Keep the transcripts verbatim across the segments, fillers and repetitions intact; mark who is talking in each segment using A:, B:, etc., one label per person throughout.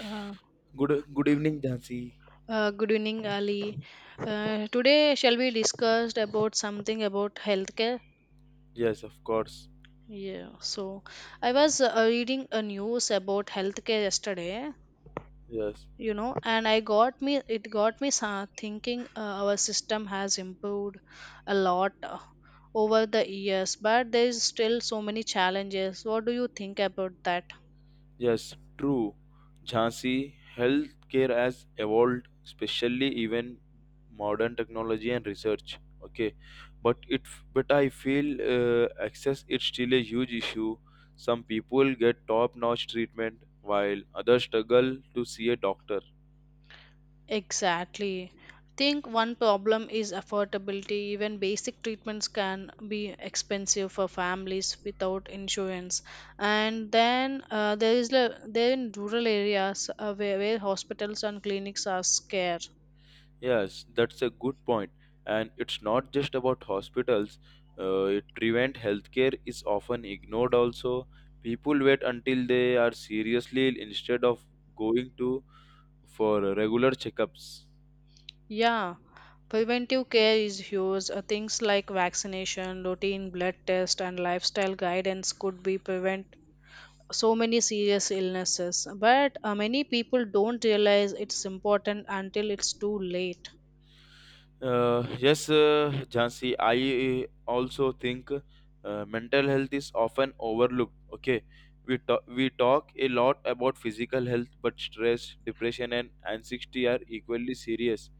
A: Uh,
B: Good good evening, Jhansi.
A: uh, good evening, Ali. Uh, today, shall we discuss about something about healthcare?
B: Yes, of course.
A: Yeah. So, I was uh, reading a news about healthcare yesterday.
B: Yes,
A: You know, and I got me it got me sa- thinking. Uh, our system has improved a lot uh, over the years, but there is still so many challenges. What do you think about that?
B: yes, true. Jhansi, healthcare has evolved, especially even modern technology and research. Okay, but it but I feel uh, access it's still a huge issue. Some people get top-notch treatment while others struggle to see a doctor.
A: Exactly. Think one problem is affordability. Even basic treatments can be expensive for families without insurance. And then uh, there is le- there in rural areas uh, where, where hospitals and clinics are scarce.
B: Yes, that's a good point. And it's not just about hospitals. Uh, it prevent healthcare is often ignored also. People wait until they are seriously ill instead of going to for regular checkups.
A: Yeah, preventive care is huge. Uh, things like vaccination, routine blood test, and lifestyle guidance could be prevent so many serious illnesses. But uh, many people don't realize it's important until it's too late.
B: Uh, yes, uh, Jhansi, I uh, also think uh, mental health is often overlooked. Okay, we talk, we talk a lot about physical health, but stress, depression, and anxiety are equally serious.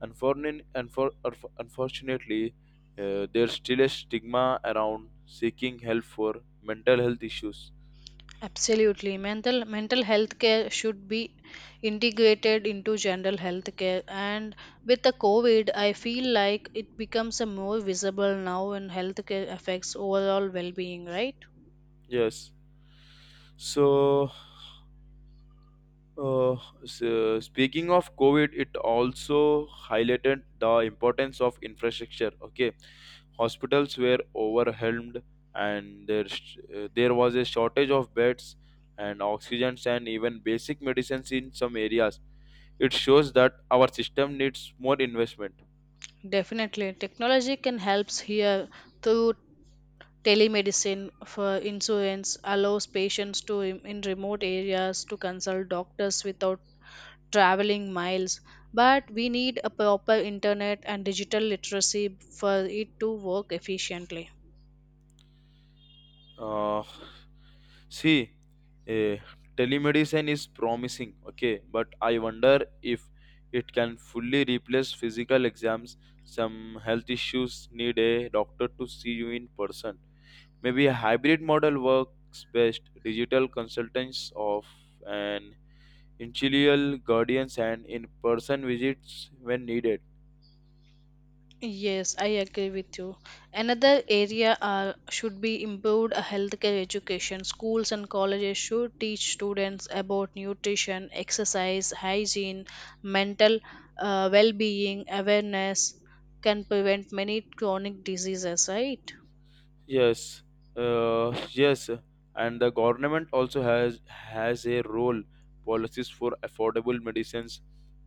B: Unfortunately, unfor- unf- unfortunately uh, there's still a stigma around seeking help for mental health issues.
A: Absolutely. Mental mental health care should be integrated into general health care. And with the COVID, I feel like it becomes a more visible now and healthcare affects overall well being, right?
B: Yes. So, uh, so speaking of COVID, it also highlighted the importance of infrastructure. Okay, hospitals were overwhelmed, and there sh- uh, there was a shortage of beds and oxygens and even basic medicines in some areas. It shows that our system needs more investment.
A: Definitely. Technology can helps here through telemedicine for insurance, allows patients to rem- in remote areas to consult doctors without traveling miles, but we need a proper internet and digital literacy for it to work efficiently.
B: Uh, see, eh, telemedicine is promising, okay, but I wonder if it can fully replace physical exams. Some health issues need a doctor to see you in person. Maybe a hybrid model works best. Digital consultants of an initial guardians and in-person visits when needed.
A: Yes, I agree with you. Another area uh, should be improved uh, healthcare education. Schools and colleges should teach students about nutrition, exercise, hygiene, mental uh, well being, awareness can prevent many chronic diseases, right?
B: Yes, uh, yes, and the government also has has a role. Policies for affordable medicines,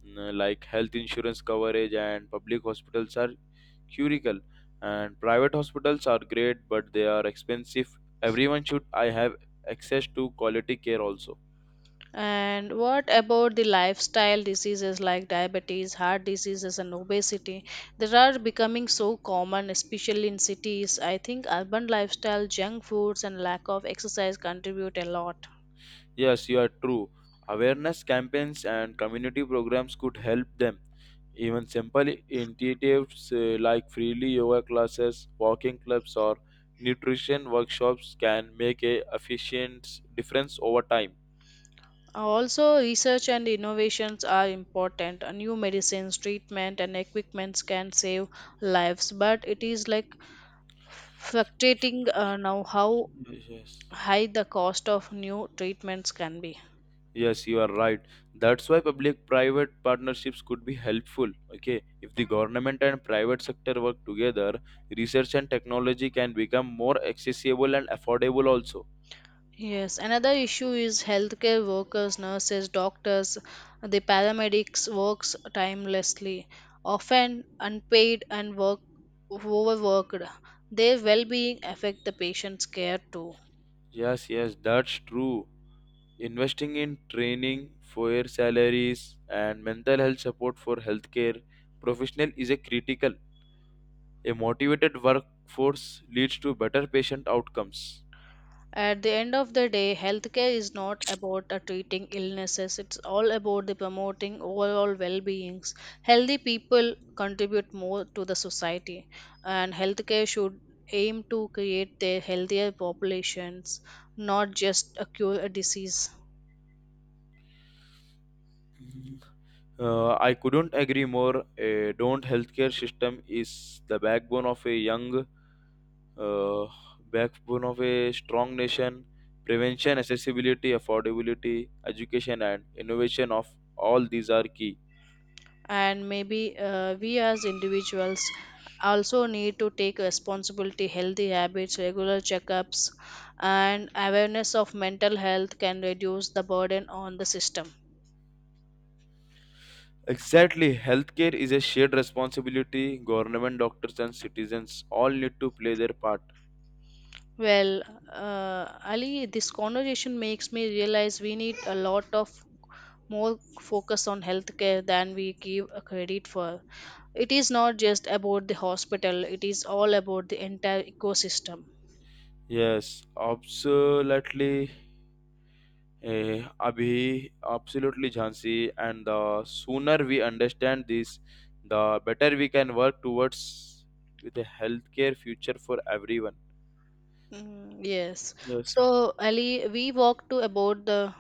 B: mm, like health insurance coverage and public hospitals are critical. And private hospitals are great, but they are expensive. Everyone should I have access to quality care also.
A: And what about the lifestyle diseases like diabetes, heart diseases, and obesity? They are becoming so common, especially in cities. I think urban lifestyle, junk foods, and lack of exercise contribute a lot.
B: Yes, you are true. Awareness campaigns and community programs could help them. Even simple initiatives uh, like freely yoga classes, walking clubs, or nutrition workshops can make a efficient difference over time.
A: Also, research and innovations are important. Uh, New medicines, treatment, and equipments can save lives, but it is like fluctuating uh, now how
B: Yes.
A: high the cost of new treatments can be.
B: Yes, you are right. That's why public-private partnerships could be helpful. Okay, if the government and private sector work together, research and technology can become more accessible and affordable also.
A: Yes, another issue is healthcare workers, nurses, doctors, the paramedics works timelessly, often unpaid and work overworked. Their well-being affect the patient's care too.
B: Yes, yes, that's true. Investing in training, fair salaries, and mental health support for healthcare professional is a critical. A motivated workforce leads to better patient outcomes.
A: At the end of the day, healthcare is not about uh, treating illnesses, it's all about the promoting overall well beings. Healthy people contribute more to the society, and healthcare should aim to create the healthier populations, not just uh, cure a disease.
B: Uh, I couldn't agree more. A don't healthcare system is the backbone of a young, uh, backbone of a strong nation. Prevention, accessibility, affordability, education, and innovation of all these are key.
A: And maybe uh, we as individuals also need to take responsibility healthy habits regular checkups and awareness of mental health can reduce the burden on the system.
B: Exactly. Healthcare is a shared responsibility. Government, doctors, and citizens all need to play their part.
A: Well, uh, Ali, this conversation makes me realize we need a lot of more focus on healthcare than we give a credit for. It is not just about the hospital, it is all about the entire ecosystem.
B: Yes, absolutely. Eh, Abhi, absolutely, Jhansi. And the sooner we understand this, the better we can work towards with a healthcare future for everyone.
A: Mm, yes.
B: Yes, sir.
A: So, Ali, we walked to about the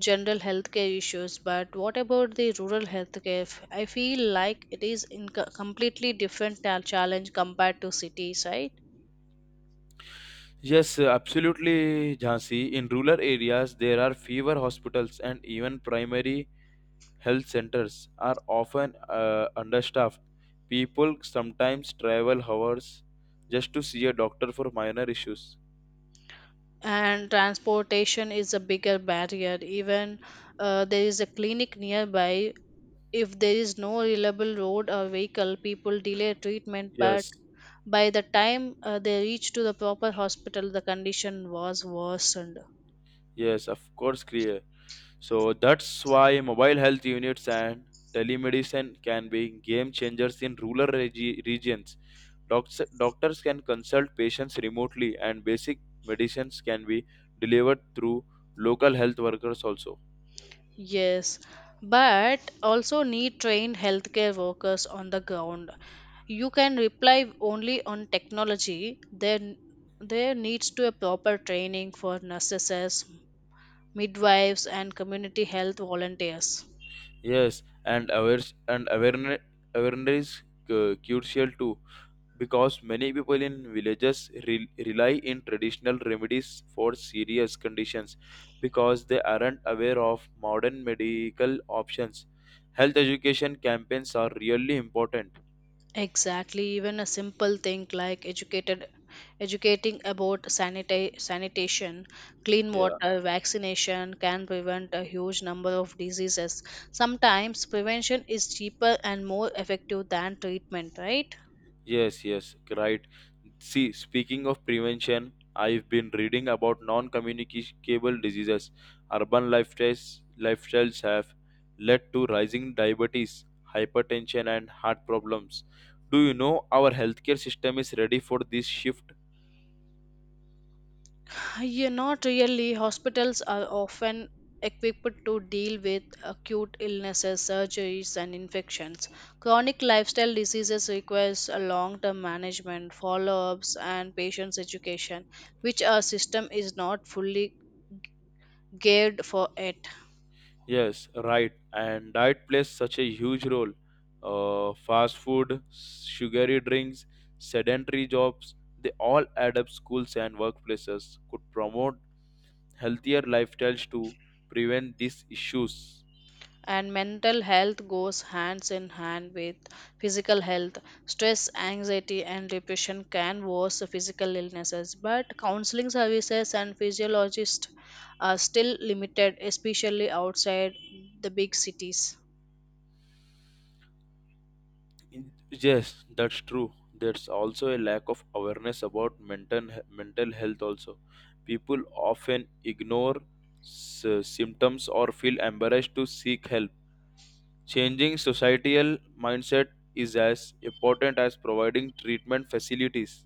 A: general healthcare issues, but what about the rural healthcare? F- I feel like it is in co- completely different ta- challenge compared to cities, right?
B: Yes, sir, absolutely, Jhansi. In rural areas, there are fewer hospitals and even primary health centers are often uh, understaffed. People sometimes travel hours just to see a doctor for minor issues.
A: And transportation is a bigger barrier even uh, there is a clinic nearby. If there is no reliable road or vehicle people delay treatment, but
B: Yes,
A: by the time uh, they reach to the proper hospital the condition was worsened.
B: yes, of course, clear. So that's why mobile health units and telemedicine can be game changers in rural regi- regions. Docs- doctors can consult patients remotely, and basic medicines can be delivered through local health workers also.
A: Yes, but also need trained healthcare workers on the ground. You can rely only on technology there. There needs to a proper training for nurses, midwives, and community health volunteers.
B: Yes, and awares and awareness awareness is cu- crucial too, because many people in villages re- rely in traditional remedies for serious conditions because they aren't aware of modern medical options. Health education campaigns are really important.
A: Exactly, even a simple thing like educated educating about sanita- sanitation, clean
B: Yeah.
A: water, vaccination can prevent a huge number of diseases. Sometimes prevention is cheaper and more effective than treatment, right?
B: Yes, yes, right. See, speaking of prevention, I've been reading about non-communicable diseases. Urban lifestyles lifestyles have led to rising diabetes, hypertension, and heart problems. Do you know our healthcare system is ready for this shift?
A: Yeah, not really. Hospitals are often equipped to deal with acute illnesses, surgeries, and infections. Chronic lifestyle diseases requires a long-term management, follow-ups, and patients' education, which our system is not fully geared for it.
B: Yes, right. And diet plays such a huge role. Uh, fast food, sugary drinks, sedentary jobs, they all add up. Schools and workplaces could promote healthier lifestyles to prevent these issues.
A: And mental health goes hands in hand with physical health. Stress anxiety and depression can worsen physical illnesses, but counseling services and physiologists are still limited, especially outside the big cities.
B: Yes, that's true. There's also a lack of awareness about mental mental health. Also, people often ignore s- symptoms or feel embarrassed to seek help. Changing societal mindset is as important as providing treatment facilities.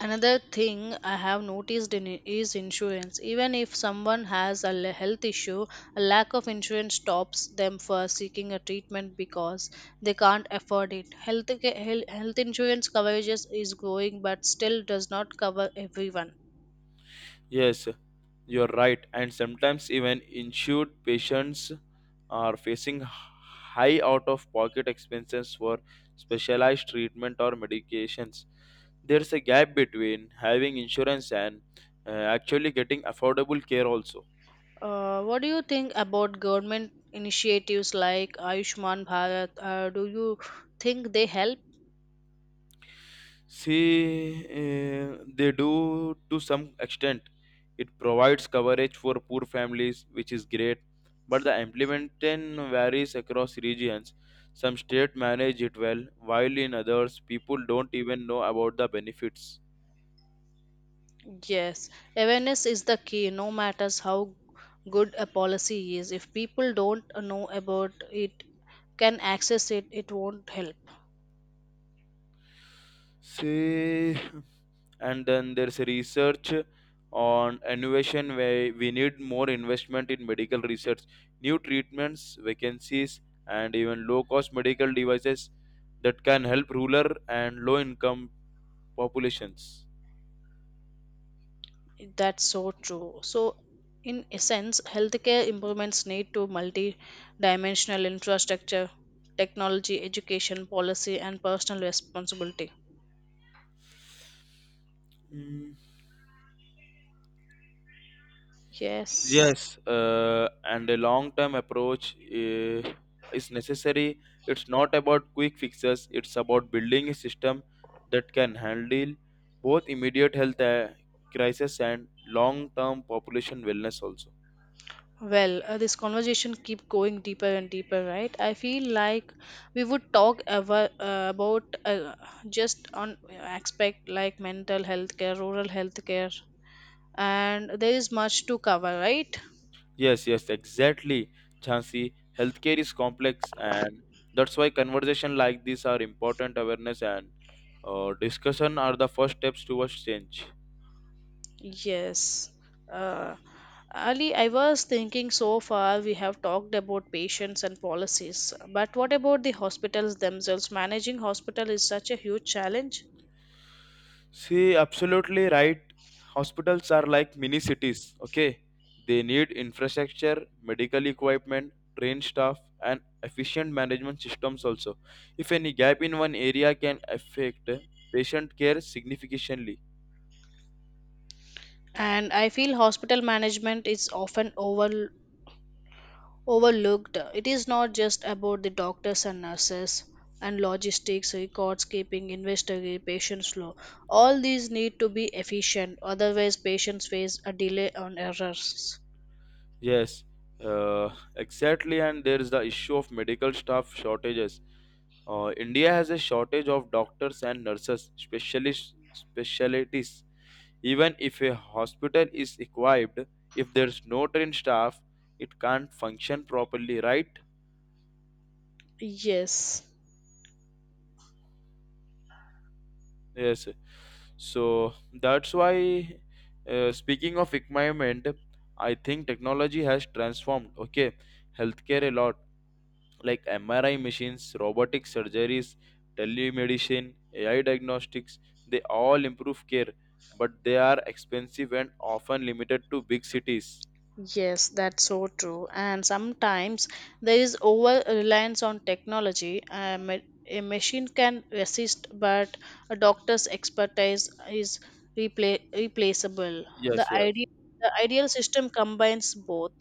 A: Another thing I have noticed in i- is insurance. Even if someone has a le- health issue, a lack of insurance stops them for seeking a treatment because they can't afford it. Health ca- hel- health insurance coverages is growing but still does not cover everyone.
B: Yes, you're right, and sometimes even insured patients are facing high out of pocket expenses for specialized treatment or medications. There's a gap between having insurance and uh, actually getting affordable care, also.
A: Uh, what do you think about government initiatives like Ayushman Bharat? Uh, do you think they help?
B: See, eh, they do to some extent. It provides coverage for poor families, which is great, but the implementation varies across regions. Some states manage it well, while in others, people don't even know about the benefits.
A: Yes, awareness is the key, no matters how good a policy is. If people don't know about it, can access it, it won't help.
B: See, and then there's research on innovation where we need more investment in medical research, new treatments vacancies, and even low cost medical devices that can help rural and low income populations.
A: That's so true. So, in essence, healthcare improvements need to multi-dimensional infrastructure, technology, education, policy, and personal responsibility.
B: Mm,
A: Yes.
B: Yes, uh, and a long-term approach uh, is necessary. It's not about quick fixes. It's about building a system that can handle both immediate health uh, crisis and long-term population wellness also.
A: Well, uh, this conversation keep going deeper and deeper, right? I feel like we would talk ever, uh, about uh, just on uh, aspect like mental health care, rural health care, and there is much to cover, right?
B: Yes, yes, exactly, Chansi. Healthcare is complex, and that's why conversation like this are important. Awareness and uh, discussion are the first steps towards change.
A: Yes. Uh, Ali, I was thinking so far we have talked about patients and policies, but what about the hospitals themselves? Managing hospital is such a huge challenge.
B: See, absolutely right. Hospitals are like mini cities, okay? They need infrastructure, medical equipment, trained staff, and efficient management systems also. If any gap in one area can affect patient care significantly.
A: And I feel hospital management is often over. overlooked. It is not just about the doctors and nurses and logistics, records keeping, investigating, patient flow. All these need to be efficient, otherwise, patients face a delay on errors.
B: Yes, uh, exactly. And there is the issue of medical staff shortages. Uh, India has a shortage of doctors and nurses, specialist specialties. Even if a hospital is equipped, if there's no trained staff, it can't function properly, right?
A: Yes,
B: Yes. So that's why, uh, speaking of equipment, I think technology has transformed, okay, healthcare a lot, like M R I machines, robotic surgeries, telemedicine, A I diagnostics, they all improve care, but they are expensive and often limited to big cities.
A: yes, that's so true. And sometimes there is over reliance on technology. A, ma- a machine can assist, but a doctor's expertise is repla replaceable. The
B: Yes, yes.
A: idea, the ideal system combines both.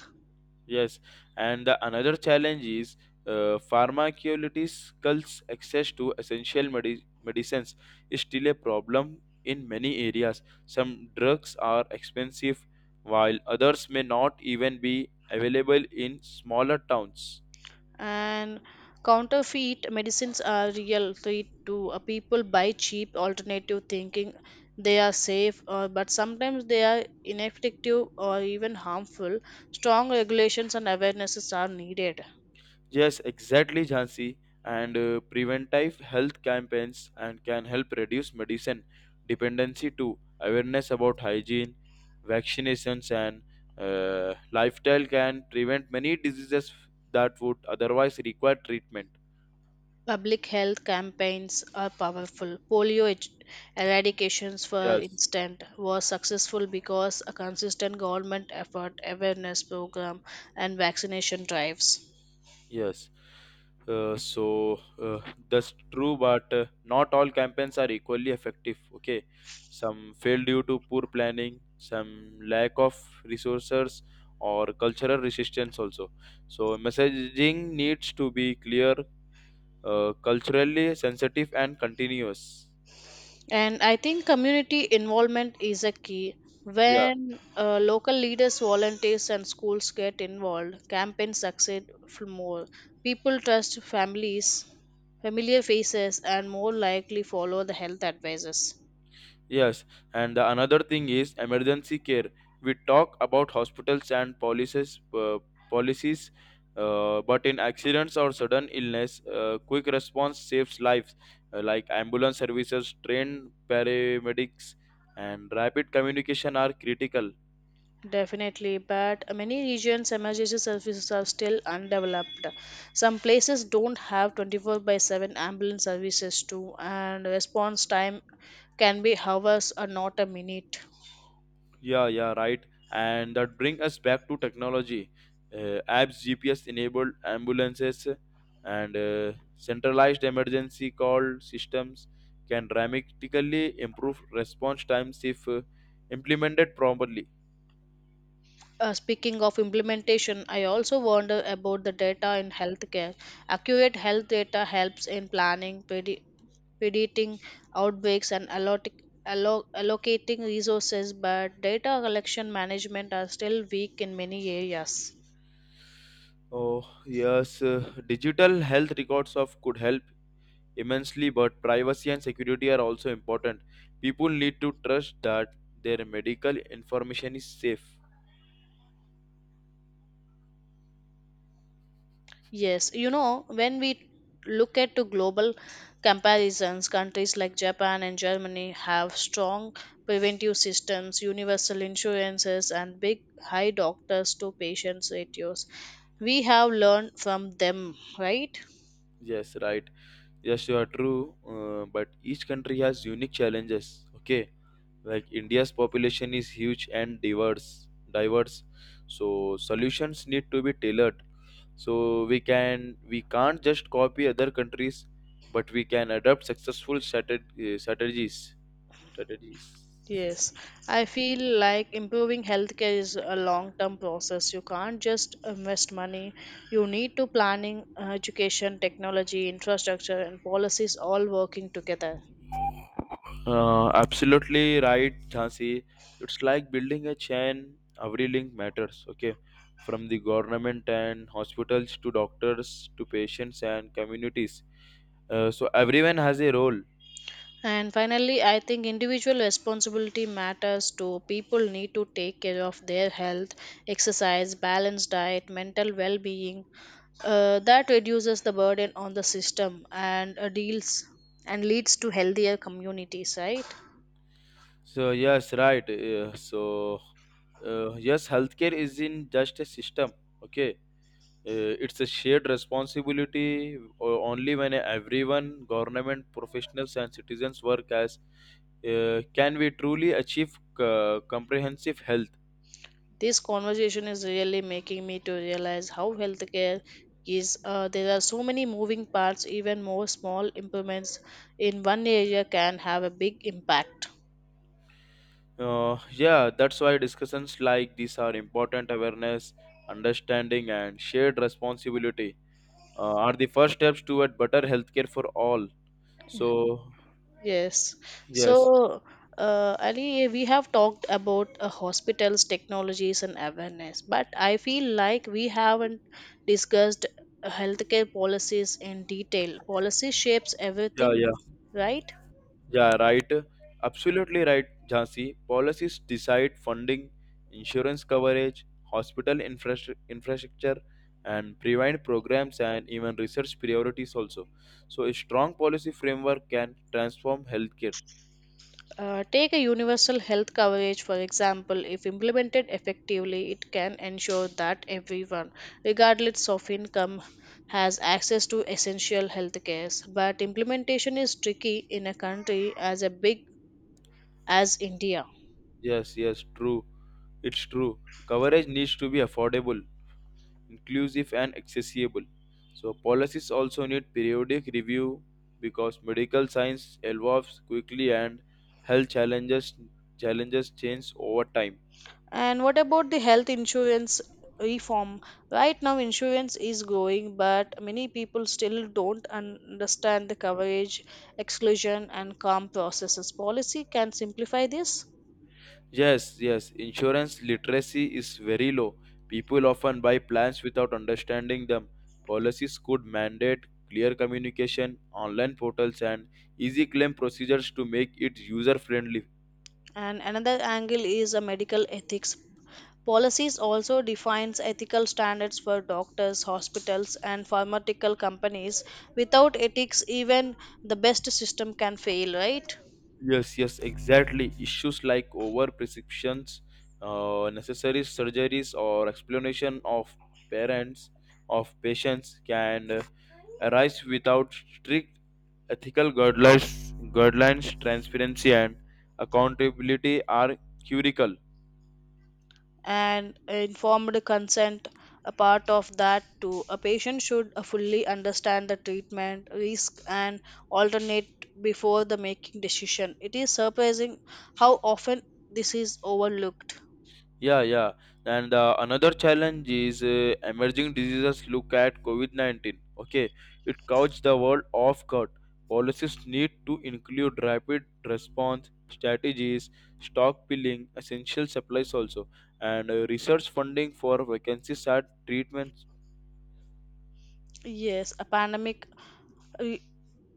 B: Yes, and the another challenge is uh, pharmaceuticals access to essential medi- medicines is still a problem in many areas. Some drugs are expensive, while others may not even be available in smaller towns.
A: And counterfeit medicines are real threat to uh, people buy cheap alternative thinking they are safe, uh, but sometimes they are ineffective or even harmful. Strong regulations and awarenesses are needed.
B: Yes, exactly, Jhansi. And uh, preventive health campaigns and can help reduce medicine dependency too. Awareness about hygiene, vaccinations, and uh, lifestyle can prevent many diseases that would otherwise require treatment.
A: Public health campaigns are powerful. polio ed- eradications for
B: Yes.
A: instance was successful because a consistent government effort awareness program and vaccination drives.
B: Yes. Uh, so uh, that's true, but uh, not all campaigns are equally effective. Okay, some fail due to poor planning, some lack of resources, or cultural resistance also. So messaging needs to be clear, uh, culturally sensitive, and continuous.
A: And I think community involvement is a key.
B: Yeah.
A: When uh, local leaders, volunteers, and schools get involved, campaigns succeed f- more. People trust families, familiar faces, and more likely follow the health advisors.
B: Yes, and the another thing is emergency care. We talk about hospitals and policies, uh, policies, uh, but in accidents or sudden illness, uh, quick response saves lives, uh, like ambulance services, trained paramedics, and rapid communication are critical.
A: Definitely, but many regions' emergency services are still undeveloped. Some places don't have twenty-four by seven ambulance services too, and response time can be hours or not a minute.
B: Yeah, yeah, right. And that bring us back to technology, uh, apps, G P S enabled ambulances, and uh, centralized emergency call systems can dramatically improve response times if uh, implemented properly.
A: Uh, speaking of implementation, I also wonder about the data in healthcare. Accurate health data helps in planning, predi- predicting outbreaks, and allot- allo- allocating resources, but data collection management are still weak in many areas.
B: Oh yes, uh, digital health records of could help immensely, but privacy and security are also important. People need to trust that their medical information is safe.
A: Yes, you know, when we look at to global comparisons, countries like Japan and Germany have strong preventive systems, universal insurances, and big high doctors to patients ratios. We have learned from them, right?
B: Yes, right. Yes, you are true, uh, but each country has unique challenges. Okay, like India's population is huge and diverse, diverse. So solutions need to be tailored. So we can we can't just copy other countries, but we can adopt successful strateg- uh, strategies. Strategies.
A: Yes, I feel like improving healthcare is a long-term process. You can't just invest money. You need to planning, uh, education, technology, infrastructure, and policies all working together.
B: Uh, absolutely right, Jhansi. It's like building a chain. Every link matters. Okay, from the government and hospitals to doctors to patients and communities. Uh, so everyone has a role.
A: And finally, I think individual responsibility matters too. People need to take care of their health, exercise, balanced diet, mental well being. Uh, that reduces the burden on the system and uh, deals and leads to healthier communities, right?
B: So yes, right. Uh, so uh, yes, healthcare isn't just a system. Okay, Uh, it's a shared responsibility o- only when everyone, government, professionals, and citizens work as uh, can we truly achieve uh, comprehensive health.
A: This conversation is really making me to realize how healthcare is. Uh, there are so many moving parts, even more small improvements in one area can have a big impact.
B: Uh, yeah, that's why discussions like these are important. Awareness, understanding, and shared responsibility uh, are the first steps toward better healthcare for all. So,
A: Yes.
B: yes,
A: So, uh, Ali, we have talked about uh, hospitals, technologies, and awareness, but I feel like we haven't discussed uh, healthcare policies in detail. Policy shapes
B: yeah,
A: everything,
B: yeah.
A: right?
B: Yeah, right. Absolutely right, Jhansi. Policies decide funding, insurance coverage, hospital infrastru- infrastructure, and prevent programs and even research priorities also. So, a strong policy framework can transform healthcare.
A: Uh, take a universal health coverage, for example. If implemented effectively, it can ensure that everyone, regardless of income, has access to essential health cares. But implementation is tricky in a country as a big as India.
B: Yes, yes, true. It's true. Coverage needs to be affordable, inclusive, and accessible. So, policies also need periodic review because medical science evolves quickly and health challenges challenges change over time.
A: And what about the health insurance reform? Right now, insurance is growing, but many people still don't understand the coverage, exclusion, and calm processes. Policy can simplify this.
B: Yes, yes, insurance literacy is very low. People often buy plans without understanding them. Policies could mandate clear communication, online portals, and easy claim procedures to make it user friendly.
A: And another angle is a medical ethics. Policies also defines ethical standards for doctors, hospitals, and pharmaceutical companies. Without ethics, even the best system can fail, right?
B: Yes, yes, exactly. Issues like overprescriptions, uh, necessary surgeries, or explanation of parents of patients can uh, arise without strict ethical guidelines. Guidelines, transparency, and accountability are critical.
A: And informed consent a part of that too. A patient should uh, fully understand the treatment risk and alternate before the making decision. It is surprising how often this is overlooked.
B: Yeah, yeah. And uh, another challenge is uh, emerging diseases. Look at COVID nineteen. Okay, it caught the world off guard. Policies need to include rapid response strategies, stockpiling, essential supplies also, and uh, research funding for vacancies at treatment.
A: Yes, a pandemic re-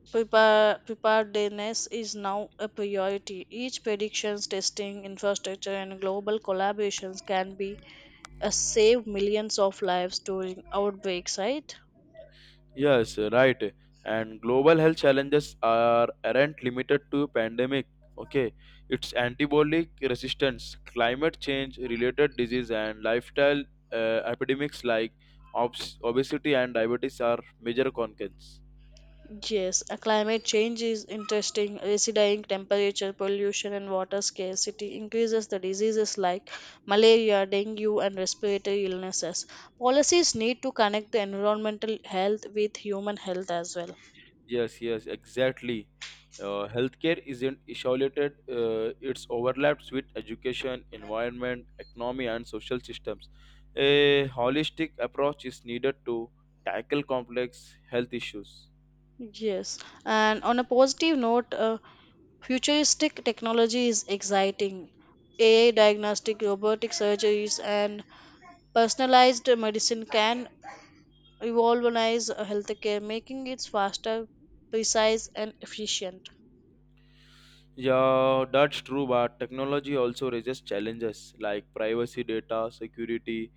A: prepar- preparedness is now a priority. Each predictions testing infrastructure and global collaborations can be uh, save millions of lives during outbreaks, right?
B: Yes, right. And global health challenges are aren't limited to pandemic. Okay, it's antibiotic resistance, climate change related disease, and lifestyle uh, epidemics like obs- obesity and diabetes are major concerns.
A: Yes, a climate change is interesting. Residing temperature, pollution, and water scarcity increases the diseases like malaria, dengue, and respiratory illnesses. Policies need to connect the environmental health with human health as well.
B: Yes, yes, exactly. Uh, healthcare isn't isolated, uh, it's overlaps with education, environment, economy, and social systems. A holistic approach is needed to tackle complex health issues.
A: Yes, and on a positive note, uh, futuristic technology is exciting. A I diagnostic, robotic surgeries, and personalized medicine can revolutionize healthcare, making it faster, precise, and efficient.
B: Yeah, that's true, but technology also raises challenges like privacy data, security,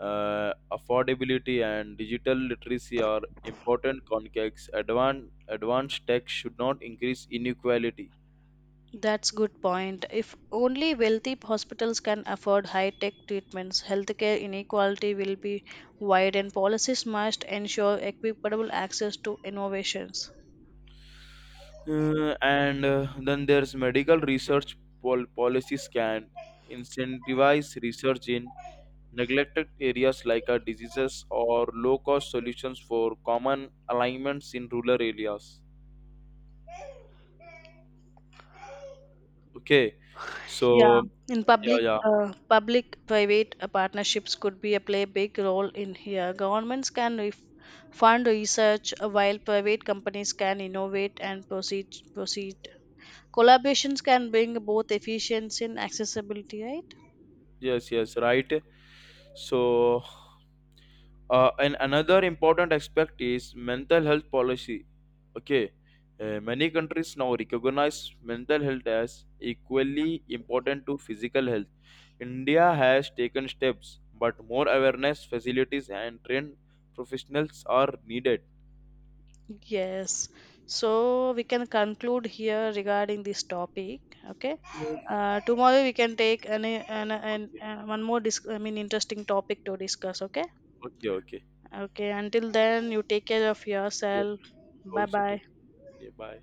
B: uh, affordability, and digital literacy are important contexts. Advan- advanced tech should not increase inequality.
A: That's good point. If only wealthy hospitals can afford high-tech treatments, healthcare inequality will be wide, and policies must ensure equitable access to innovations.
B: Uh, and uh, then there's medical research, pol- policies can incentivize research in neglected areas like uh, diseases or low cost solutions for common alignments in rural areas. Okay,
A: Yeah,
B: so
A: in
B: yeah,
A: public,
B: yeah,
A: uh, public-private uh, partnerships could be a play big role in here. Governments can ref- fund research uh, while private companies can innovate and proceed proceed collaborations can bring both efficiency and accessibility, right?
B: yes, yes, right. So Uh, and another important aspect is mental health policy. Okay, uh, many countries now recognize mental health as equally important to physical health. India has taken steps, but more awareness, facilities, and trained professionals are needed.
A: Yes, so we can conclude here regarding this topic. Okay,
B: Okay,
A: uh, tomorrow we can take an, an, an, an one more dis- i mean interesting topic to discuss, okay?
B: okay, okay.
A: Okay, until then you take care of
B: Yes,
A: yourself. Bye
B: also
A: bye.
B: take. Yeah, bye.